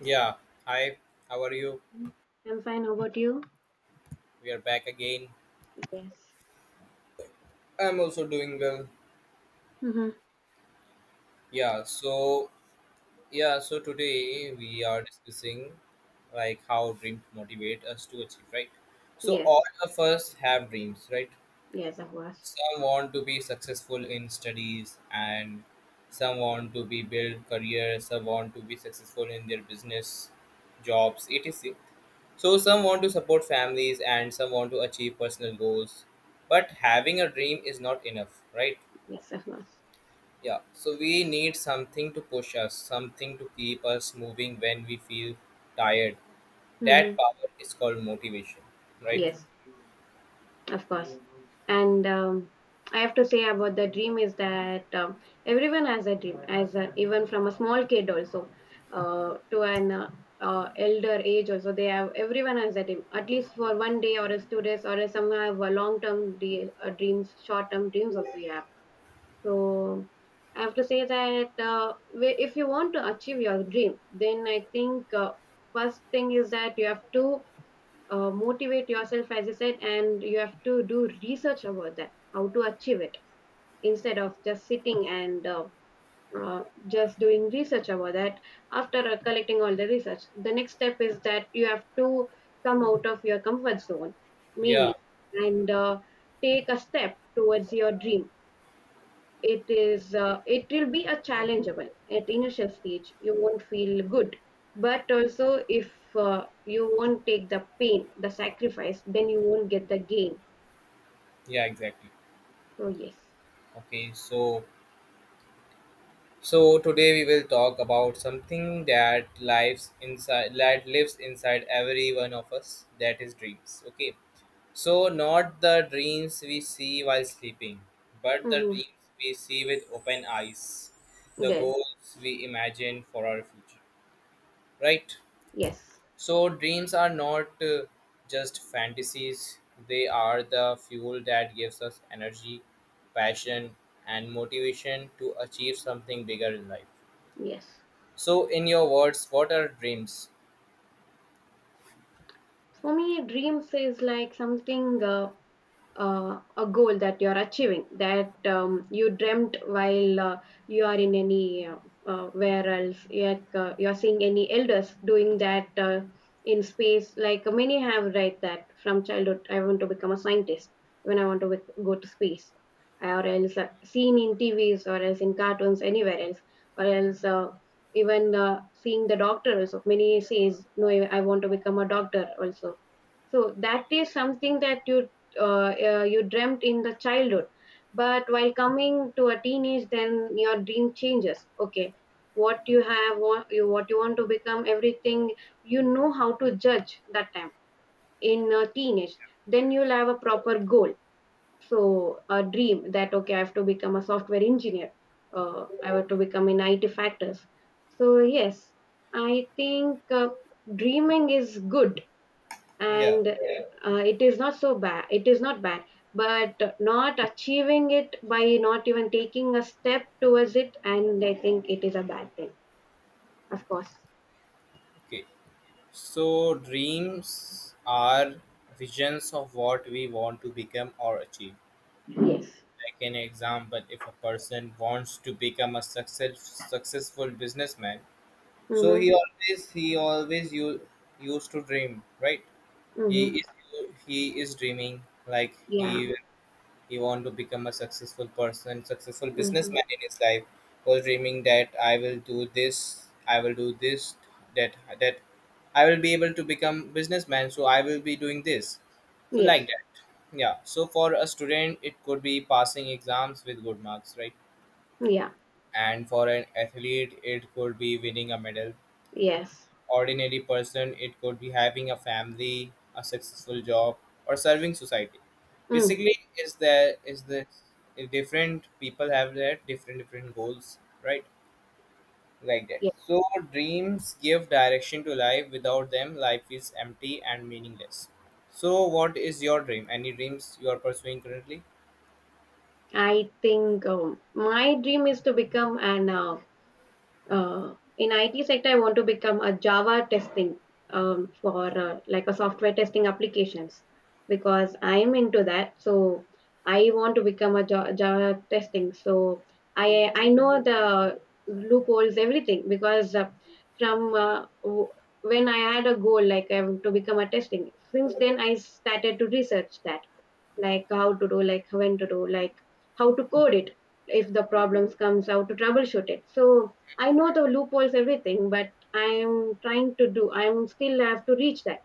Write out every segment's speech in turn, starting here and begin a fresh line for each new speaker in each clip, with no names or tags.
Yeah, hi, how are you?
I'm fine. How about you?
We are back again.
Yes.
I'm also doing well.
Mm-hmm.
Yeah, so yeah, so today we are discussing like how dreams motivate us to achieve, right? So all
Yes.
of us have dreams, right?
Yes, of course.
Some want to be successful in studies and some want to be build career, some want to be successful in their business, jobs, etc. So some want to support families and some want to achieve personal goals. But having a dream is not enough, right?
Yes, of course.
Yeah. So we need something to push us, something to keep us moving when we feel tired. That
Mm-hmm.
power is called motivation, right?
Yes, of course. And I have to say about the dream is that everyone has a dream, as a, even from a small kid also to an elder age also they have everyone has a dream at least for 1 day or as 2 days or as some have a long term dreams, short term dreams also. Yeah. So I have to say that if you want to achieve your dream, then I think first thing is that you have to motivate yourself, as I said, and you have to do research about that, how to achieve it, instead of just sitting and uh, just doing research about that. After collecting all the research, the next step is that you have to come out of your comfort zone
Yeah.
mainly and take a step towards your dream. It is it will be a challengeable at initial stage. You won't feel good, but also if you won't take the pain the sacrifice then you won't get the gain.
Yeah, exactly.
So yes.
Okay. So today we will talk about something that lives inside every one of us that is dreams. Okay. So, not the dreams we see while sleeping, but the
Mm-hmm.
dreams we see with open eyes, the
Good.
goals we imagine for our future, right?
Yes.
So, dreams are not just fantasies, they are the fuel that gives us energy, passion, and motivation to achieve something bigger in life.
Yes.
So, in your words, what are dreams?
For me dreams is like something a goal that you are achieving that you dreamt while you are in any where else like you are seeing any elders doing that in space, like many have, right? That from childhood I want to become a scientist, when I want to go to space, or else seen in tvs or else in cartoons anywhere else, or else even seeing the doctors many says no I want to become a doctor also. So that is something that you you dreamt in the childhood, but while coming to a teenage, then your dream changes. Okay, what you have, what you want to become, everything, you know how to judge that time in a teenage. Then you'll have a proper goal. So a dream that okay, I have to become a software engineer. I have to become in IT factors. So yes, I think dreaming is good
Yeah.
and it is not so bad, it is not bad, but not achieving it by not even taking a step towards it and I think it is a bad thing, of course.
Okay. So, dreams are visions of what we want to become or achieve.
Yes.
Like an example, if a person wants to become a success, successful businessman, so
Mm-hmm.
used to dream, right? He
Mm-hmm.
is he is dreaming like
Yeah.
he wanted to become a successful person, successful
Mm-hmm.
businessman in his life. Was dreaming that I will do this, I will do this, that I will be able to become businessman. So I will be doing this. So like
Yes.
that. Yeah. So for a student, it could be passing exams with good marks, right?
Yeah.
And for an athlete, it could be winning a medal.
Yes.
Ordinary person, it could be having a family, a successful job, or serving society.
Mm-hmm.
Basically is there is the different people have their different goals, right? Like that.
Yeah.
So dreams give direction to life. Without them life is empty and meaningless. So what is your dream? Any dreams you are pursuing currently?
I think my dream is to become an in IT sector. I want to become a Java testing, for like a software testing applications, because I am into that. So I want to become a Java testing. So I know the loopholes, everything, because from uh, w- when I had a goal like to become a testing, since then I started to research that, like how to do, like when to do, like how to code it, if the problems comes how to troubleshoot it. So I know the loopholes everything but I'm trying to do. I'm still have to reach that.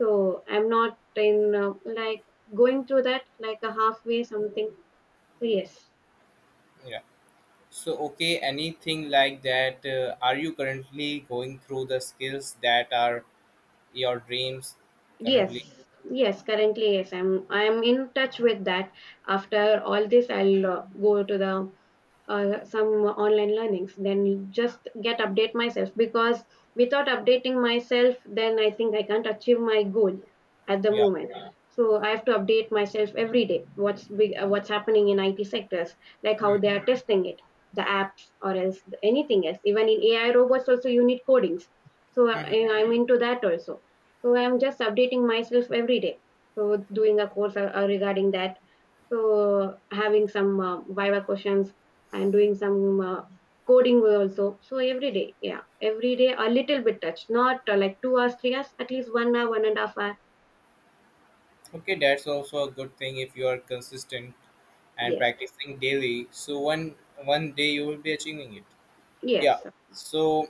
So I'm not in like going through that like a halfway something. So yes.
Yeah, so okay, anything like that, are you currently going through the skills that are your dreams
Yes.
currently?
Yes, currently. Yes, I'm in touch with that. After all this I'll go to the some online learnings, then just get update myself, because without updating myself then I think I can't achieve my goal at the
Yeah.
moment. So I have to update myself every day, what's big, what's happening in it sectors, like how they are testing it, the apps or else anything else. Even in ai robots also you need codings. So
Hmm.
I'm into that also. So I'm just updating myself every day, so doing a course regarding that, so having some viva questions and doing some coding also. So every day, yeah, every day a little bit touch, not like 2 hours 3 hours, at least 1 hour 1.5 hours.
Okay, that's also a good thing if you are consistent and
Yes.
practicing daily. So one one day you will be achieving it. Yeah.
Yes,
So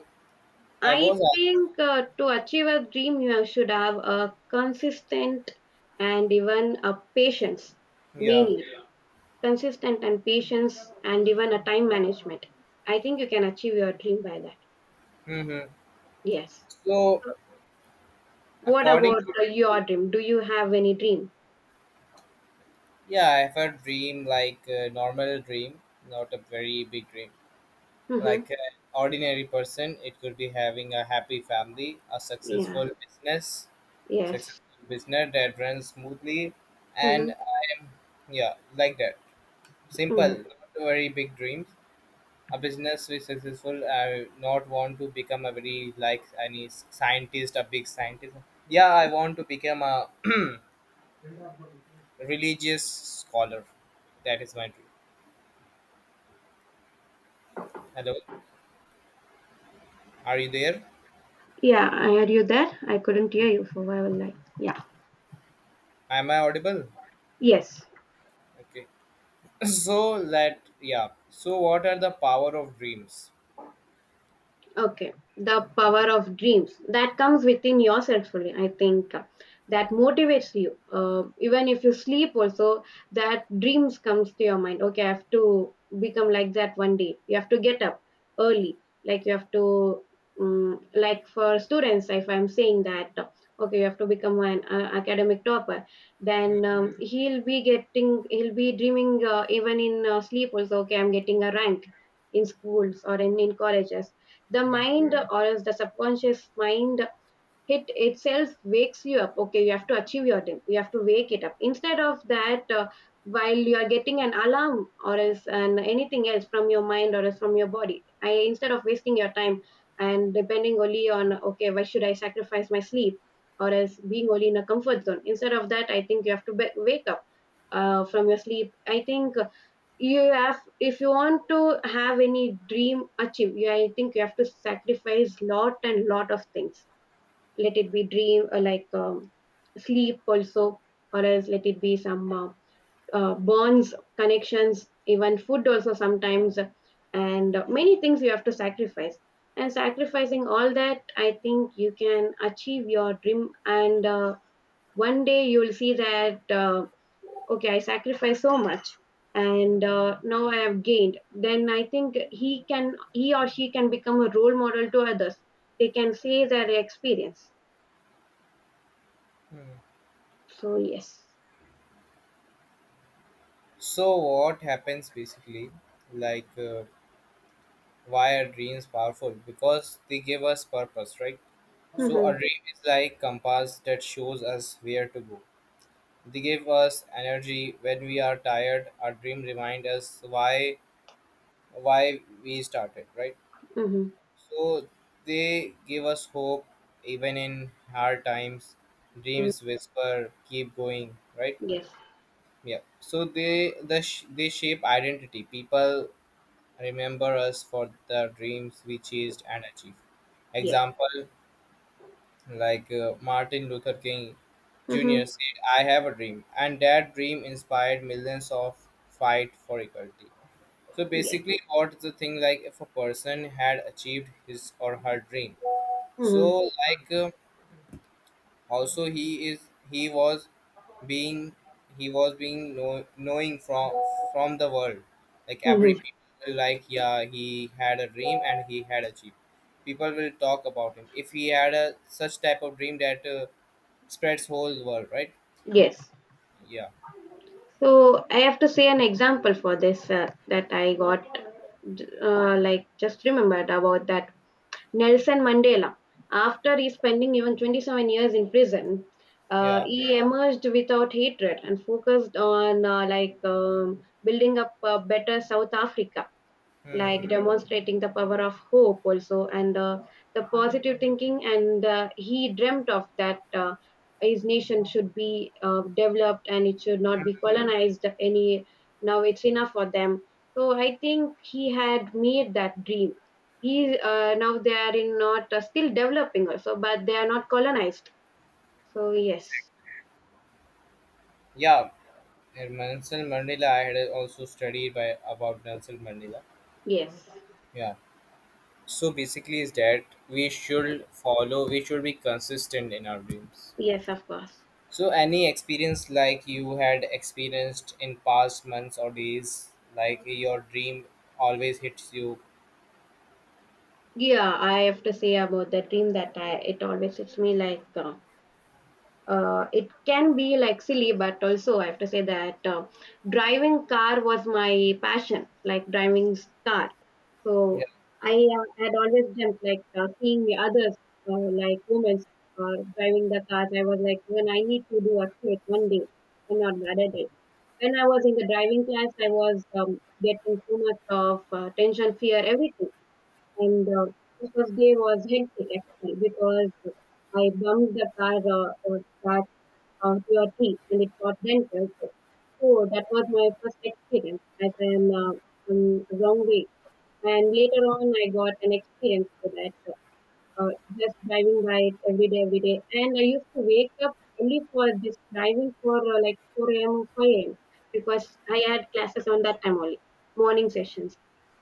I
I
was asked.
think to achieve a dream you should have a consistent and even a patience,
Yeah.
mainly consistent and patience and even a time management. I think you can achieve your dream by that.
Mm-hmm.
Yes.
So
What
according,
about
to,
your dream, do you have any dream?
yeah, I have a dream like a normal dream, not a very big dream. Like
Mm-hmm.
an ordinary person, it could be having a happy family, a
Yeah. Yes.
successful business that runs smoothly,
Mm-hmm.
and yeah, like that. Simple,
Mm-hmm.
not very big dreams. A business is successful. I not want to become a very like any scientist, a big scientist. Yeah, I want to become a religious scholar. That is my dream. Hello, are you there?
Yeah. I, are you there? I couldn't hear you for a while. Like, yeah.
Am I audible?
Yes.
Okay. So that yeah. So what are the power of dreams?
Okay, the power of dreams that comes within yourself only. I think that motivates you. Even if you sleep, also that dreams comes to your mind. Okay, I have to become like that one day. You have to get up early. Like you have to, like for students, if I'm saying that, okay, you have to become an academic topper. Then Hmm. He'll be getting, he'll be dreaming even in sleep also. Okay, I'm getting a rank in schools or in colleges. The
Hmm.
mind or else the subconscious mind, it itself wakes you up. Okay, you have to achieve your thing, you have to wake it up, instead of that while you are getting an alarm or else and anything else from your mind or else from your body. I, instead of wasting your time and depending only on okay why should I sacrifice my sleep or else being only in a comfort zone, instead of that I think you have to wake up from your sleep. I think you have, if you want to have any dream achieve, you, I think you have to sacrifice lot and lot of things. Let it be dream, sleep also, or else let it be some bonds connections, even food also sometimes, and many things you have to sacrifice. And sacrificing all that I think you can achieve your dream, and one day you'll see that okay I sacrificed so much, and now I have gained, then I think he can, he or she can become a role model to others. They can say their experience.
Hmm.
So yes.
So what happens basically? Like why are dreams powerful? Because they give us purpose, right? So a
Mm-hmm.
dream is like compass that shows us where to go. They give us energy when we are tired. Our dream remind us why we started, right?
Mm-hmm.
So they give us hope even in hard times.
Mm.
Dreams whisper, keep going, right?
Yes.
Yeah. So they shape identity. People remember us for the dreams we chased and achieved.
Yes.
Example like Martin Luther King Jr.
Mm-hmm.
said, I have a dream. And that dream inspired millions of fight for equality. So
Yes.
basically what the thing like if a person had achieved his or her dream. So
Mm-hmm.
like also he is he was being knowing from the world. Like every
Mm-hmm.
people will like yeah he had a dream and he had achieved. People will talk about him. If he had a such type of dream that spreads whole world, right?
Yes.
Yeah,
So I have to say an example for this that I got, like just remembered about that, Nelson Mandela. After he spending even 27 years in prison,
yeah,
he emerged without hatred and focused on building up a better South Africa,
hmm.
like demonstrating the power of hope also and the positive thinking. And he dreamt of that his nation should be developed and it should not be colonized any, now it's enough for them. So I think he had made that dream. He now they are in not still developing also but they are not colonized. So yes.
Yeah. And Nelson Mandela, I had also studied by about Nelson Mandela.
Yes.
Yeah. So basically, is that we should be consistent in our dreams.
Yes, of course.
So any experience like you had experienced in past months or days, like your dream always hits you.
Yeah, I have to say about the dream that I, it always hits me like it can be like silly, but also I have to say that driving car was my passion, like driving car. So I had always dreamt like seeing the others, like women driving the cars. I was like, even I need to do actually one day, and not the other day. When I was in the driving class, I was getting so much of tension, fear, everything. And this was day was hectic actually because I bumped the car that to your teeth and it got dental. So, so that was my first experience as an wrong way. And later on, I got an experience for that, uh, just driving by it every day, every day. And I used to wake up only for just driving for like 4 a.m. or 5 a.m. because I had classes on that time only, morning sessions.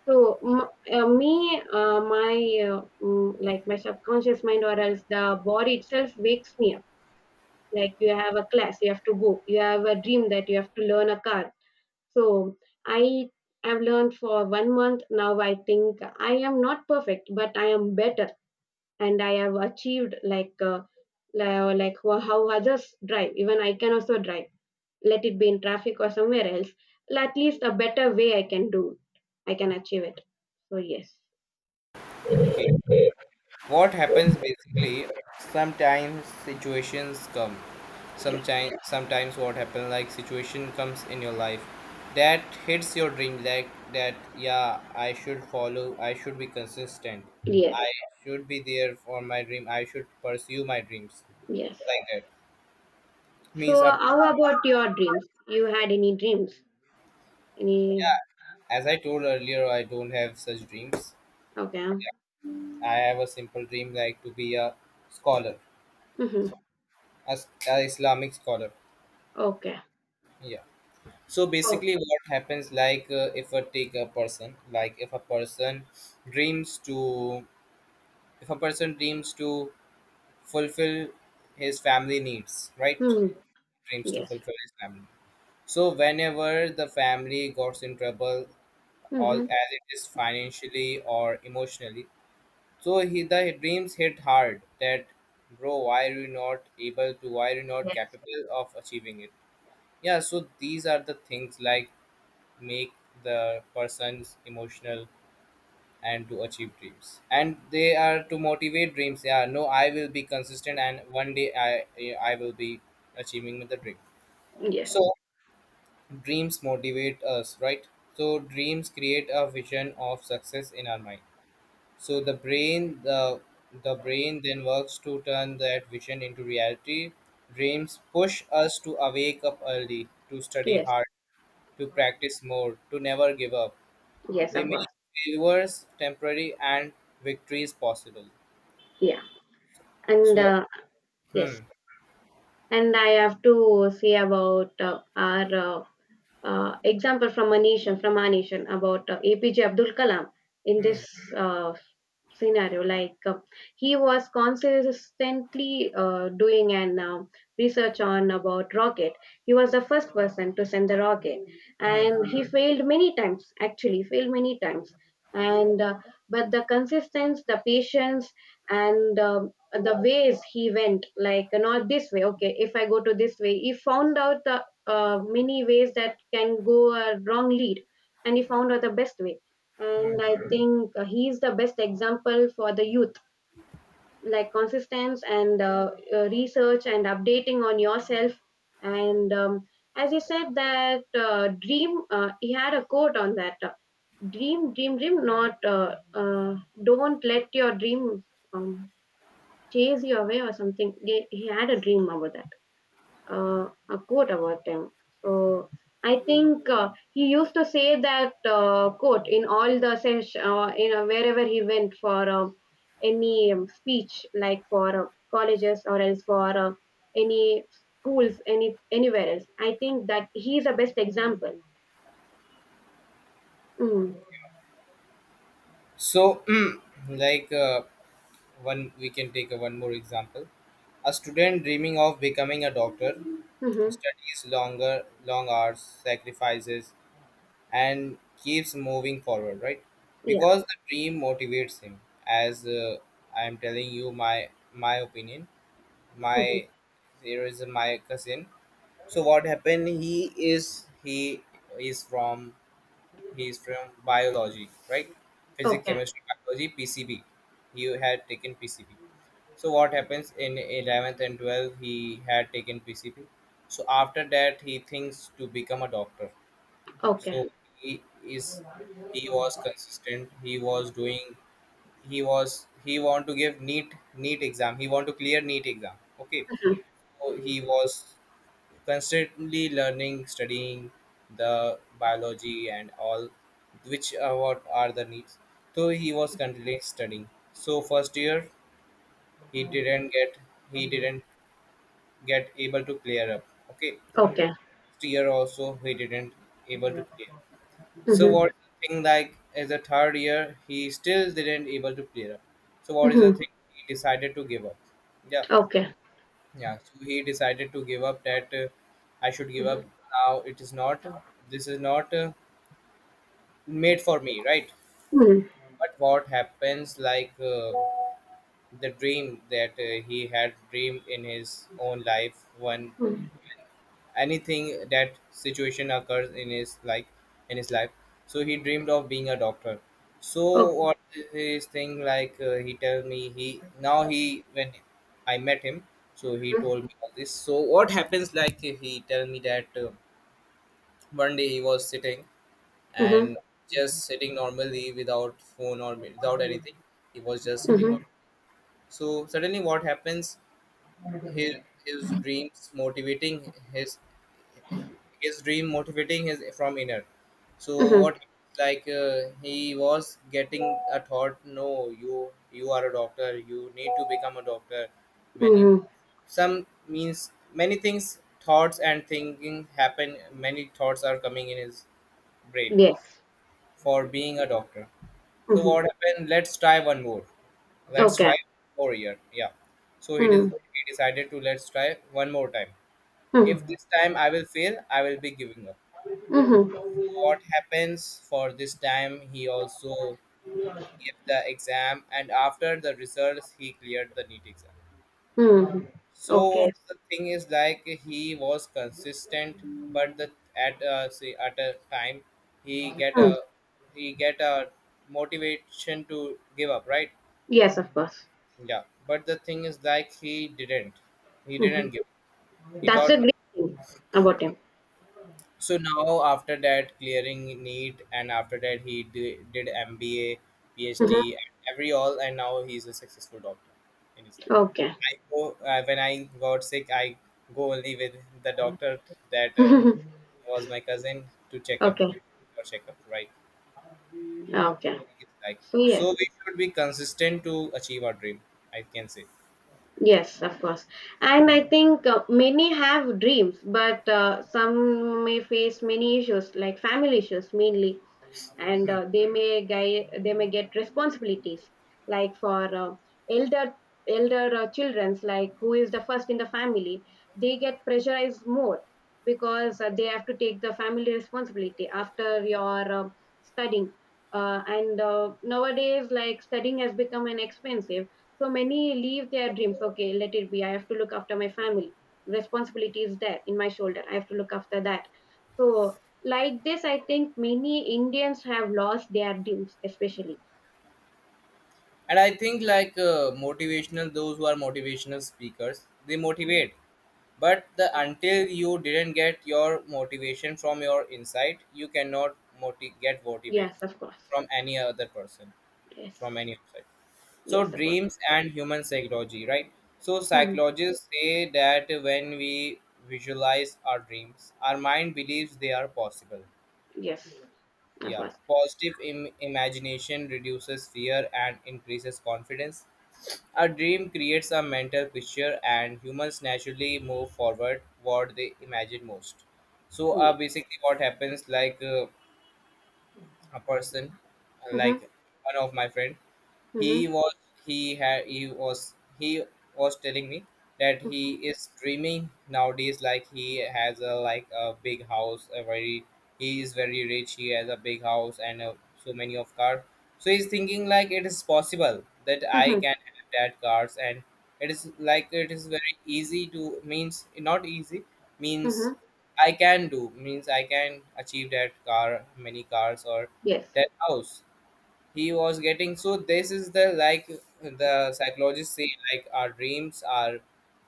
So m- uh, me, uh, my like my subconscious mind or else the body itself wakes me up, like you have a class you have to go, you have a dream that you have to learn a car. So I have learned for 1 month now. I think I am not perfect but I am better, and I have achieved like how others drive, even I can also drive, let it be in traffic or somewhere else. At least a better way I can do, I can achieve it. So yes.
Yeah. What happens basically? sometimes situations come
Yes.
sometimes sometimes what happens like situation comes in your life that hits your dream like that. Yeah, I should follow, I should be consistent, I
Yes.
should be there for my dream, I should pursue my dreams
Yes.
like that. Means
So
up.
how about your dreams, you had any dreams, any?
Yeah, as I told earlier, I don't have such dreams.
Okay.
I have a simple dream like to be a scholar,
Mhm.
as a islamic scholar.
Okay.
Yeah. So
Oh.
basically what happens like if I take a person like if a person dreams to if a person dreams to fulfill his family needs, right?
Mhm.
Dreams to
Yes.
fulfill his family. So whenever the family got in trouble, all
Mhm.
as it is financially or emotionally, so he the dreams hit hard that bro, why are you not able to, why are you not
Yes.
capable of achieving it? Yeah, so these are the things like make the persons emotional and to achieve dreams and they are to motivate dreams. Yeah, no, I will be consistent and one day I will be achieving the dream. So
Yes.
dreams motivate us, right? So dreams create a vision of success in our mind. So the brain then works to turn that vision into reality. Dreams push us to awake up early, to study
Yes.
hard, to practice more, to never give up.
Yes.
They
Of
make
course.
failures temporary and victories possible.
Yeah. And
So, hmm,
yes. And I have to say about our example from a nation, from our nation about APJ Abdul Kalam in
hmm,
this uh, scenario like he was consistently doing an research on about rocket. He was the first person to send the rocket,
hmm,
and he failed many times, actually failed many times. And But the consistency, the patience, and the ways he went, like not this way. Okay, if I go to this way, he found out the many ways that can go a wrong lead, and he found out the best way.
hmm.
And I think he is the best example for the youth. Like consistency and research and updating on yourself, and as he said that dream, he had a quote on that. Dream, dream, dream. Not don't let your dream, um, chase you away or something. He had a dream about that, a quote about him. So I think he used to say that quote in all the session, wherever he went for any speech, like for colleges or else for any schools, any anywhere else. I think that he is the best example. Mm.
So like one, we can take one more example. A student dreaming of becoming a doctor
Mm-hmm.
studies longer, long hours, sacrifices, and keeps moving forward, right?
Yeah.
Because the dream motivates him. As I am telling you, my opinion,
Mm-hmm.
my there is my cousin. So what happened? Is from he is from biology, right? Physics,
Okay.
chemistry, biology, PCB. He had taken PCB. So what happens in eleventh and twelfth? He had taken PCB. So after that, he thinks to become a doctor.
Okay.
So he is he was consistent. He was doing. He was he want to give neat exam. He want to clear neat exam. Okay.
Mhm.
So he was constantly learning, studying the biology and all, which are what are the needs. So he was continually studying. So first year he didn't get he didn't get able to clear up. Okay.
Okay.
Next year also he didn't able to clear. So
Mm-hmm.
what is the thing like as a third year he still didn't able to clear up. So what is the
Mm-hmm.
thing he decided to give up? Yeah.
Okay.
Yeah, so he decided to give up that I should give
Mm-hmm.
up now. It is not, This is not made for me, right?
Okay.
But what happens, like the dream that he had dreamed in his own life, one
Mm-hmm.
anything that situation occurs in his like in his life. So he dreamed of being a doctor. So
Okay.
what his thing like he tell me he now he when I met him, so he told me all this. So what happens like he tell me that one day he was sitting
Mm-hmm.
and just sitting normally without phone or without anything. He was just sitting
Mm-hmm.
normally. So suddenly what happens, his his dreams motivating his his dream motivating his from inner. So
Mm-hmm.
what like he was getting a thought, no, you you are a doctor, you need to become a doctor. Many
Mm-hmm.
some means many things thoughts and thinking happen. Many thoughts are coming in his brain
Yes.
for being a doctor. So what
Mhm.
happened? Let's
Okay.
try more year. Yeah. So
Mm.
he decided to let's try one more time.
Mm.
If this time I will fail, I will be giving up.
Mhm.
What happens for this time, he also gave the exam. And after the results he cleared the neat exam.
Mhm.
So
Okay.
what's the thing is like he was consistent, but the at say at a time he get a
Mm.
he get a motivation to give up, right?
Yes, of course.
Yeah, but the thing is like he didn't
Mhm.
give, he
That's the
thought.
great thing about him.
So now after that clearing NEET, and after that he did MBA,
Mhm.
PhD, and every all, and now he's a successful doctor in his life.
Okay.
I go when I got sick, I go only with the doctor that was my cousin to check up
Okay.
to or check up, right.
Okay.
It's like
So yes.
so we should be consistent to achieve our dream. I can say.
Yes, of course. And I think many have dreams, but some may face many issues like family issues mainly. And
Hmm.
they may get responsibilities like for elder elder children's, like who is the first in the family, they get pressurized more because they have to take the family responsibility after your studying. And Nowadays, like studying has become an expensive, so many leave their dreams. Okay, let it be, I have to look after my family. Responsibility is there in my shoulder, I have to look after that. So like this, I think many Indians have lost their dues, especially.
And I think like motivational, those who are motivational speakers, they motivate. But the, until you didn't get your motivation from your inside, you cannot get motivate
Yes, of course.
from any other person,
Yes.
from any outside. So
Yes, of course.
dreams and human psychology, right? So
Hmm.
psychologists say that when we visualize our dreams, our mind believes they are possible.
Yes, of
Yeah,
course.
positive imagination reduces fear and increases confidence. A dream creates a mental picture, and humans naturally move forward what they imagine most. So,
Yeah.
basically, what happens like a person,
Hmm.
like one of my friend, he
Hmm.
was he was telling me that he is dreaming nowadays, like he has a, like a big house, a very, he is very rich, he has a big house, and so many of cars. So he's thinking like it is possible that I
Hmm.
can have that cars. And it is like, it is very easy to, means not easy, means
Hmm.
I can do, means I can achieve that car, many cars, or
Yes.
that house, he was getting. So this is the, like the psychologists say, like our dreams are,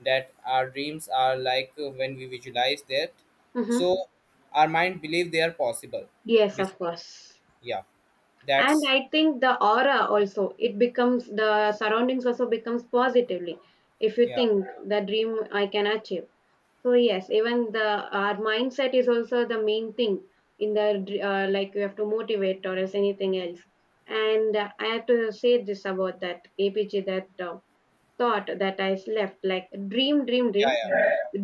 that our dreams are like when we visualize that.
Hmm.
So our mind believe they are possible.
Yes,
Bas-
of course.
yeah,
And
that's,
I think the aura also, it becomes the surroundings also becomes positively. If you
yeah,
think the dream I can achieve. So yes, even the our mindset is also the main thing in the like you have to motivate or as anything else. And I have to say this about that APG that thought that I left like dream, dream,
yeah,
dream.
yeah,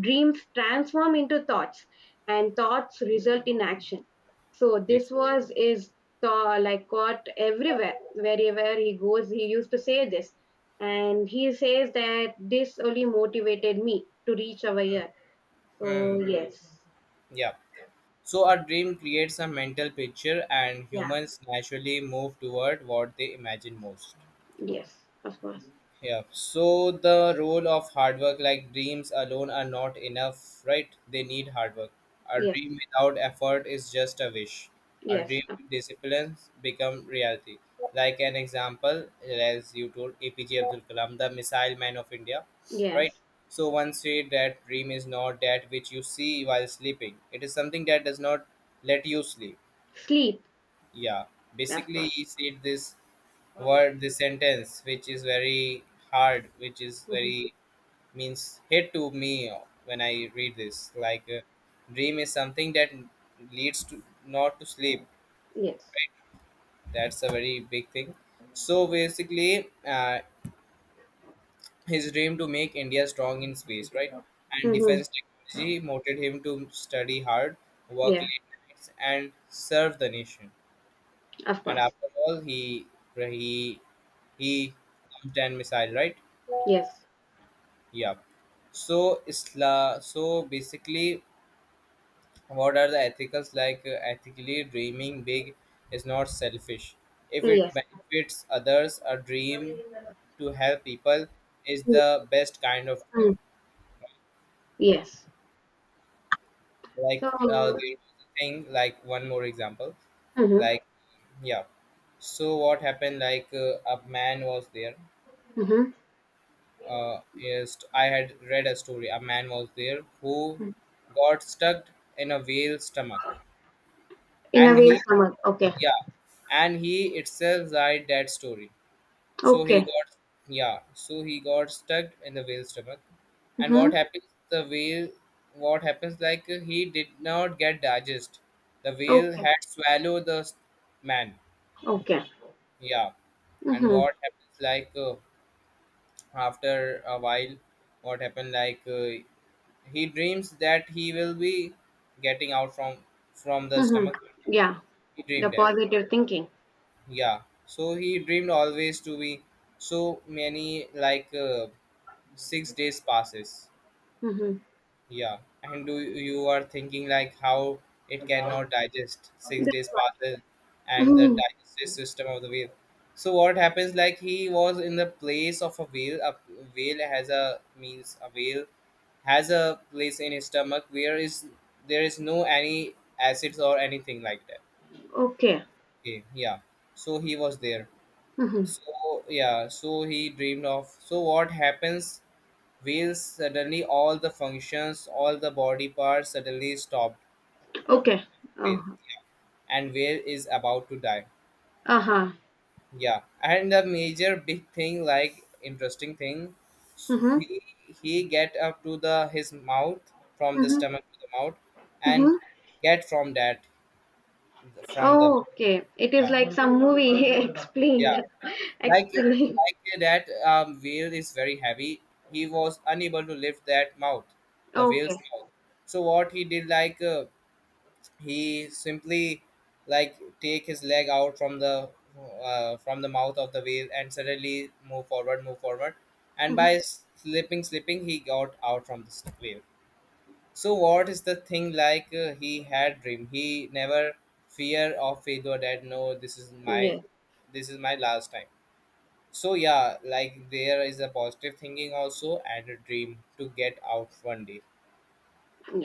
Dreams transform into thoughts, and thoughts result in action. So
yes.
this was is Like caught everywhere, wherever he goes. He used to say this, and he says that this only motivated me to reach our year.
Hmm,
So yes,
yeah. So our dream creates a mental picture, and
yeah,
humans naturally move toward what they imagine most.
yes, of course,
Yeah. So the role of hard work, like dreams alone are not enough, right? They need hard work. A
yes,
dream without effort is just a wish. A
yes,
dream
of-
with discipline become reality. Like an example, as you told, APJ Abdul Kalam, the missile man of India, right?
yes.
So one said that dream is not that which you see while sleeping. It is something that does not let you sleep.
Sleep,
Yeah.
of
Basically,
course.
he said this word, the sentence which is very hard, which is
Hmm.
very, means hit to me when I read this, like dream is something that leads to not to sleep.
Yes.
That's a very big thing. So basically, his dream to make India strong in space, right, and
Hmm.
defense technology motivated him to study hard, work
Yeah,
late nights and serve the nation.
of
And
course.
after all, he he launched an missile, right?
Yes.
Yeah. So Isla. So basically, what are the ethicals like? Ethically, dreaming big is not selfish. If it
Yes.
benefits others, a dream to help people is the best kind of
Mm.
dream.
Yes.
Like
So.
there thing. Like one more example.
Mm-hmm.
Like, yeah. So what happened? Like a man was there.
Mm-hmm.
Is, I had read a story. A man was there who got stuck in a whale's stomach,
In a
and
way,
he,
summer. Okay.
yeah, and he itself died, that story. So he
Okay.
got, yeah, so he got stuck in the whale's stomach. And what
Mm-hmm.
happens, the whale, what happens like he did not get digest, the whale
Okay.
had swallowed the man.
Okay.
Yeah. And
Mm-hmm.
what happens like after a while, what happened like he dreams that he will be getting out from the
Mm-hmm.
stomach.
Yeah.
He
The
dreamed that.
positive thinking.
Yeah, so he dreamed always to be so many, like 6 days passes.
Mm-hmm.
Yeah, and do you are thinking like how it cannot digest, six
That's
days
what.
passes, and the
Mm-hmm.
digestive system of the whale. So what happens like he was in the place of a whale. A whale has a, means a whale has a place in his stomach where is, there is no any acids or anything like that.
Okay.
Okay, yeah. So he was there.
Mm-hmm.
So yeah, so he dreamed of. So what happens? Wheels, suddenly all the functions, all the body parts suddenly stopped.
Okay.
Whale,
Uh-huh.
and whale is about to die.
Uh-huh.
Yeah, and the major big thing, like interesting thing, so
Mm-hmm.
he get up to the his mouth, from the
Mm-hmm.
stomach to the mouth, and
Mm-hmm.
get from that, from the,
Okay, it is
yeah,
like some movie
yeah.
explained,
Like
actually.
like that whale is very heavy. He was unable to lift that mouth, the
Okay.
whale's mouth. So what he did, like he simply, like take his leg out from the, from the mouth of the whale, and suddenly move forward, and by
Mhm.
slipping, slipping, he got out from the whale. So what is the thing, like he had dream? He never fear of failure that no, this is my,
Yeah,
this is my last time. So yeah, like there is a positive thinking also, and a dream to get out one day.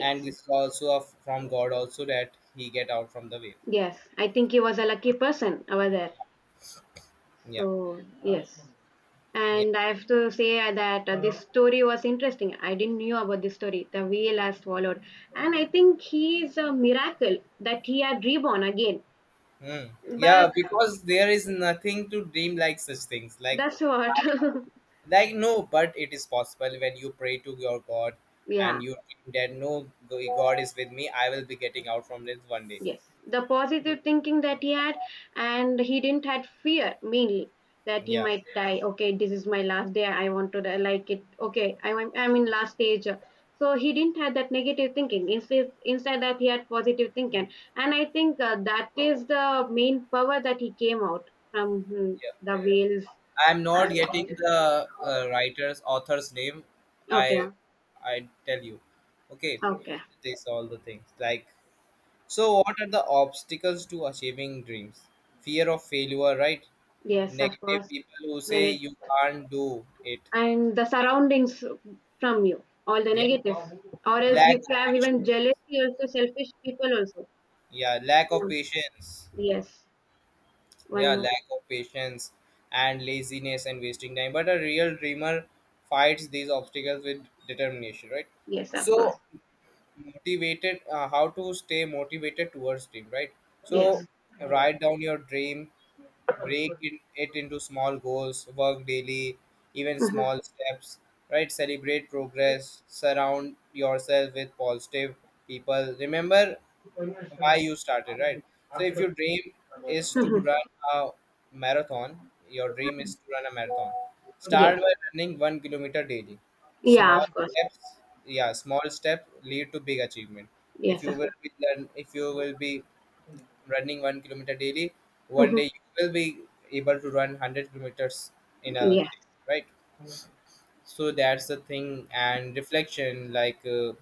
And this is also a, from God also that he get out from the way.
yes. I think he was a lucky person over there.
Yeah.
So, yes.
Yeah.
And I have to say that this story was interesting. I didn't knew about this story, the whale has swallowed. And I think he is a miracle that he had reborn again.
Hmm.
But
Yeah, because there is nothing to dream like such things. Like
that's what.
I, like no, but it is possible when you pray to your God and
Yeah.
you think that no, God is with me, I will be getting out from this one day.
Yes, the positive thinking that he had, and he didn't had fear mainly, that he
Yeah.
might die. Okay, this is my last day, I want to die like it. I'm in last stage. So he didn't have that negative thinking, instead instead that he had positive thinking. And I think that is the main power that he came out from, hmm,
Yeah.
the whales.
I'm not getting the writer's author's name.
Okay.
I I tell you. Okay,
Okay.
this all the things like. So what are the obstacles to achieving dreams? Fear of failure, right?
Yes, of
Negative
course.
people who say you can't do it.
And the surroundings from you, all the
Yeah,
negatives. Or else
lack
you
of
have even
patience.
jealousy, also selfish people also.
Yeah, lack of
Mm.
patience.
Yes, one
Yeah,
more.
lack of patience and laziness and wasting time. But a real dreamer fights these obstacles with determination, right?
Yes, of course.
So motivated, how to stay motivated towards dream, right?
Yes.
So write down your dream, break in, it into small goals, work daily, even
Mhm.
small steps, right, celebrate progress, surround yourself with positive people, remember why you started, right? So if your dream is to
Mhm.
run a marathon, your dream is to run a marathon. Start
Yes.
by running 1 kilometer daily.
Yeah,
Small
of course.
steps, yeah, small step lead to big achievement. If
Yes,
you
of
will
course.
be learn, if you will be running 1 kilometer daily, one
Mhm.
day you will be able to run 100 kilometers in a
Yes.
day, right? So that's the thing. And reflection, like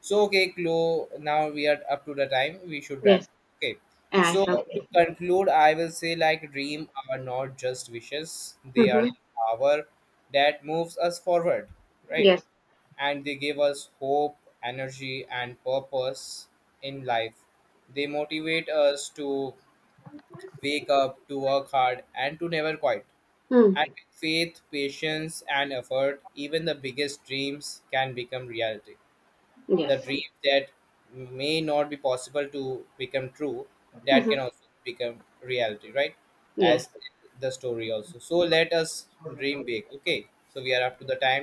so okay, Chloe, now we are up to the time, we should wrap.
Yes.
Okay. So
Yes.
to
Okay.
conclude, I will say like dream are not just wishes, they are
Mhm.
the power that moves us forward, right?
Yes.
And they give us hope, energy and purpose in life. They motivate us to wake up, to work hard and to never quit.
Mm.
And with faith, patience and effort, even the biggest dreams can become reality. The
Yes.
dreams that may not be possible to become true, that can
Mhm.
also become reality, right,
Yes.
as the story also. So let us dream big, okay, so we are up to the time.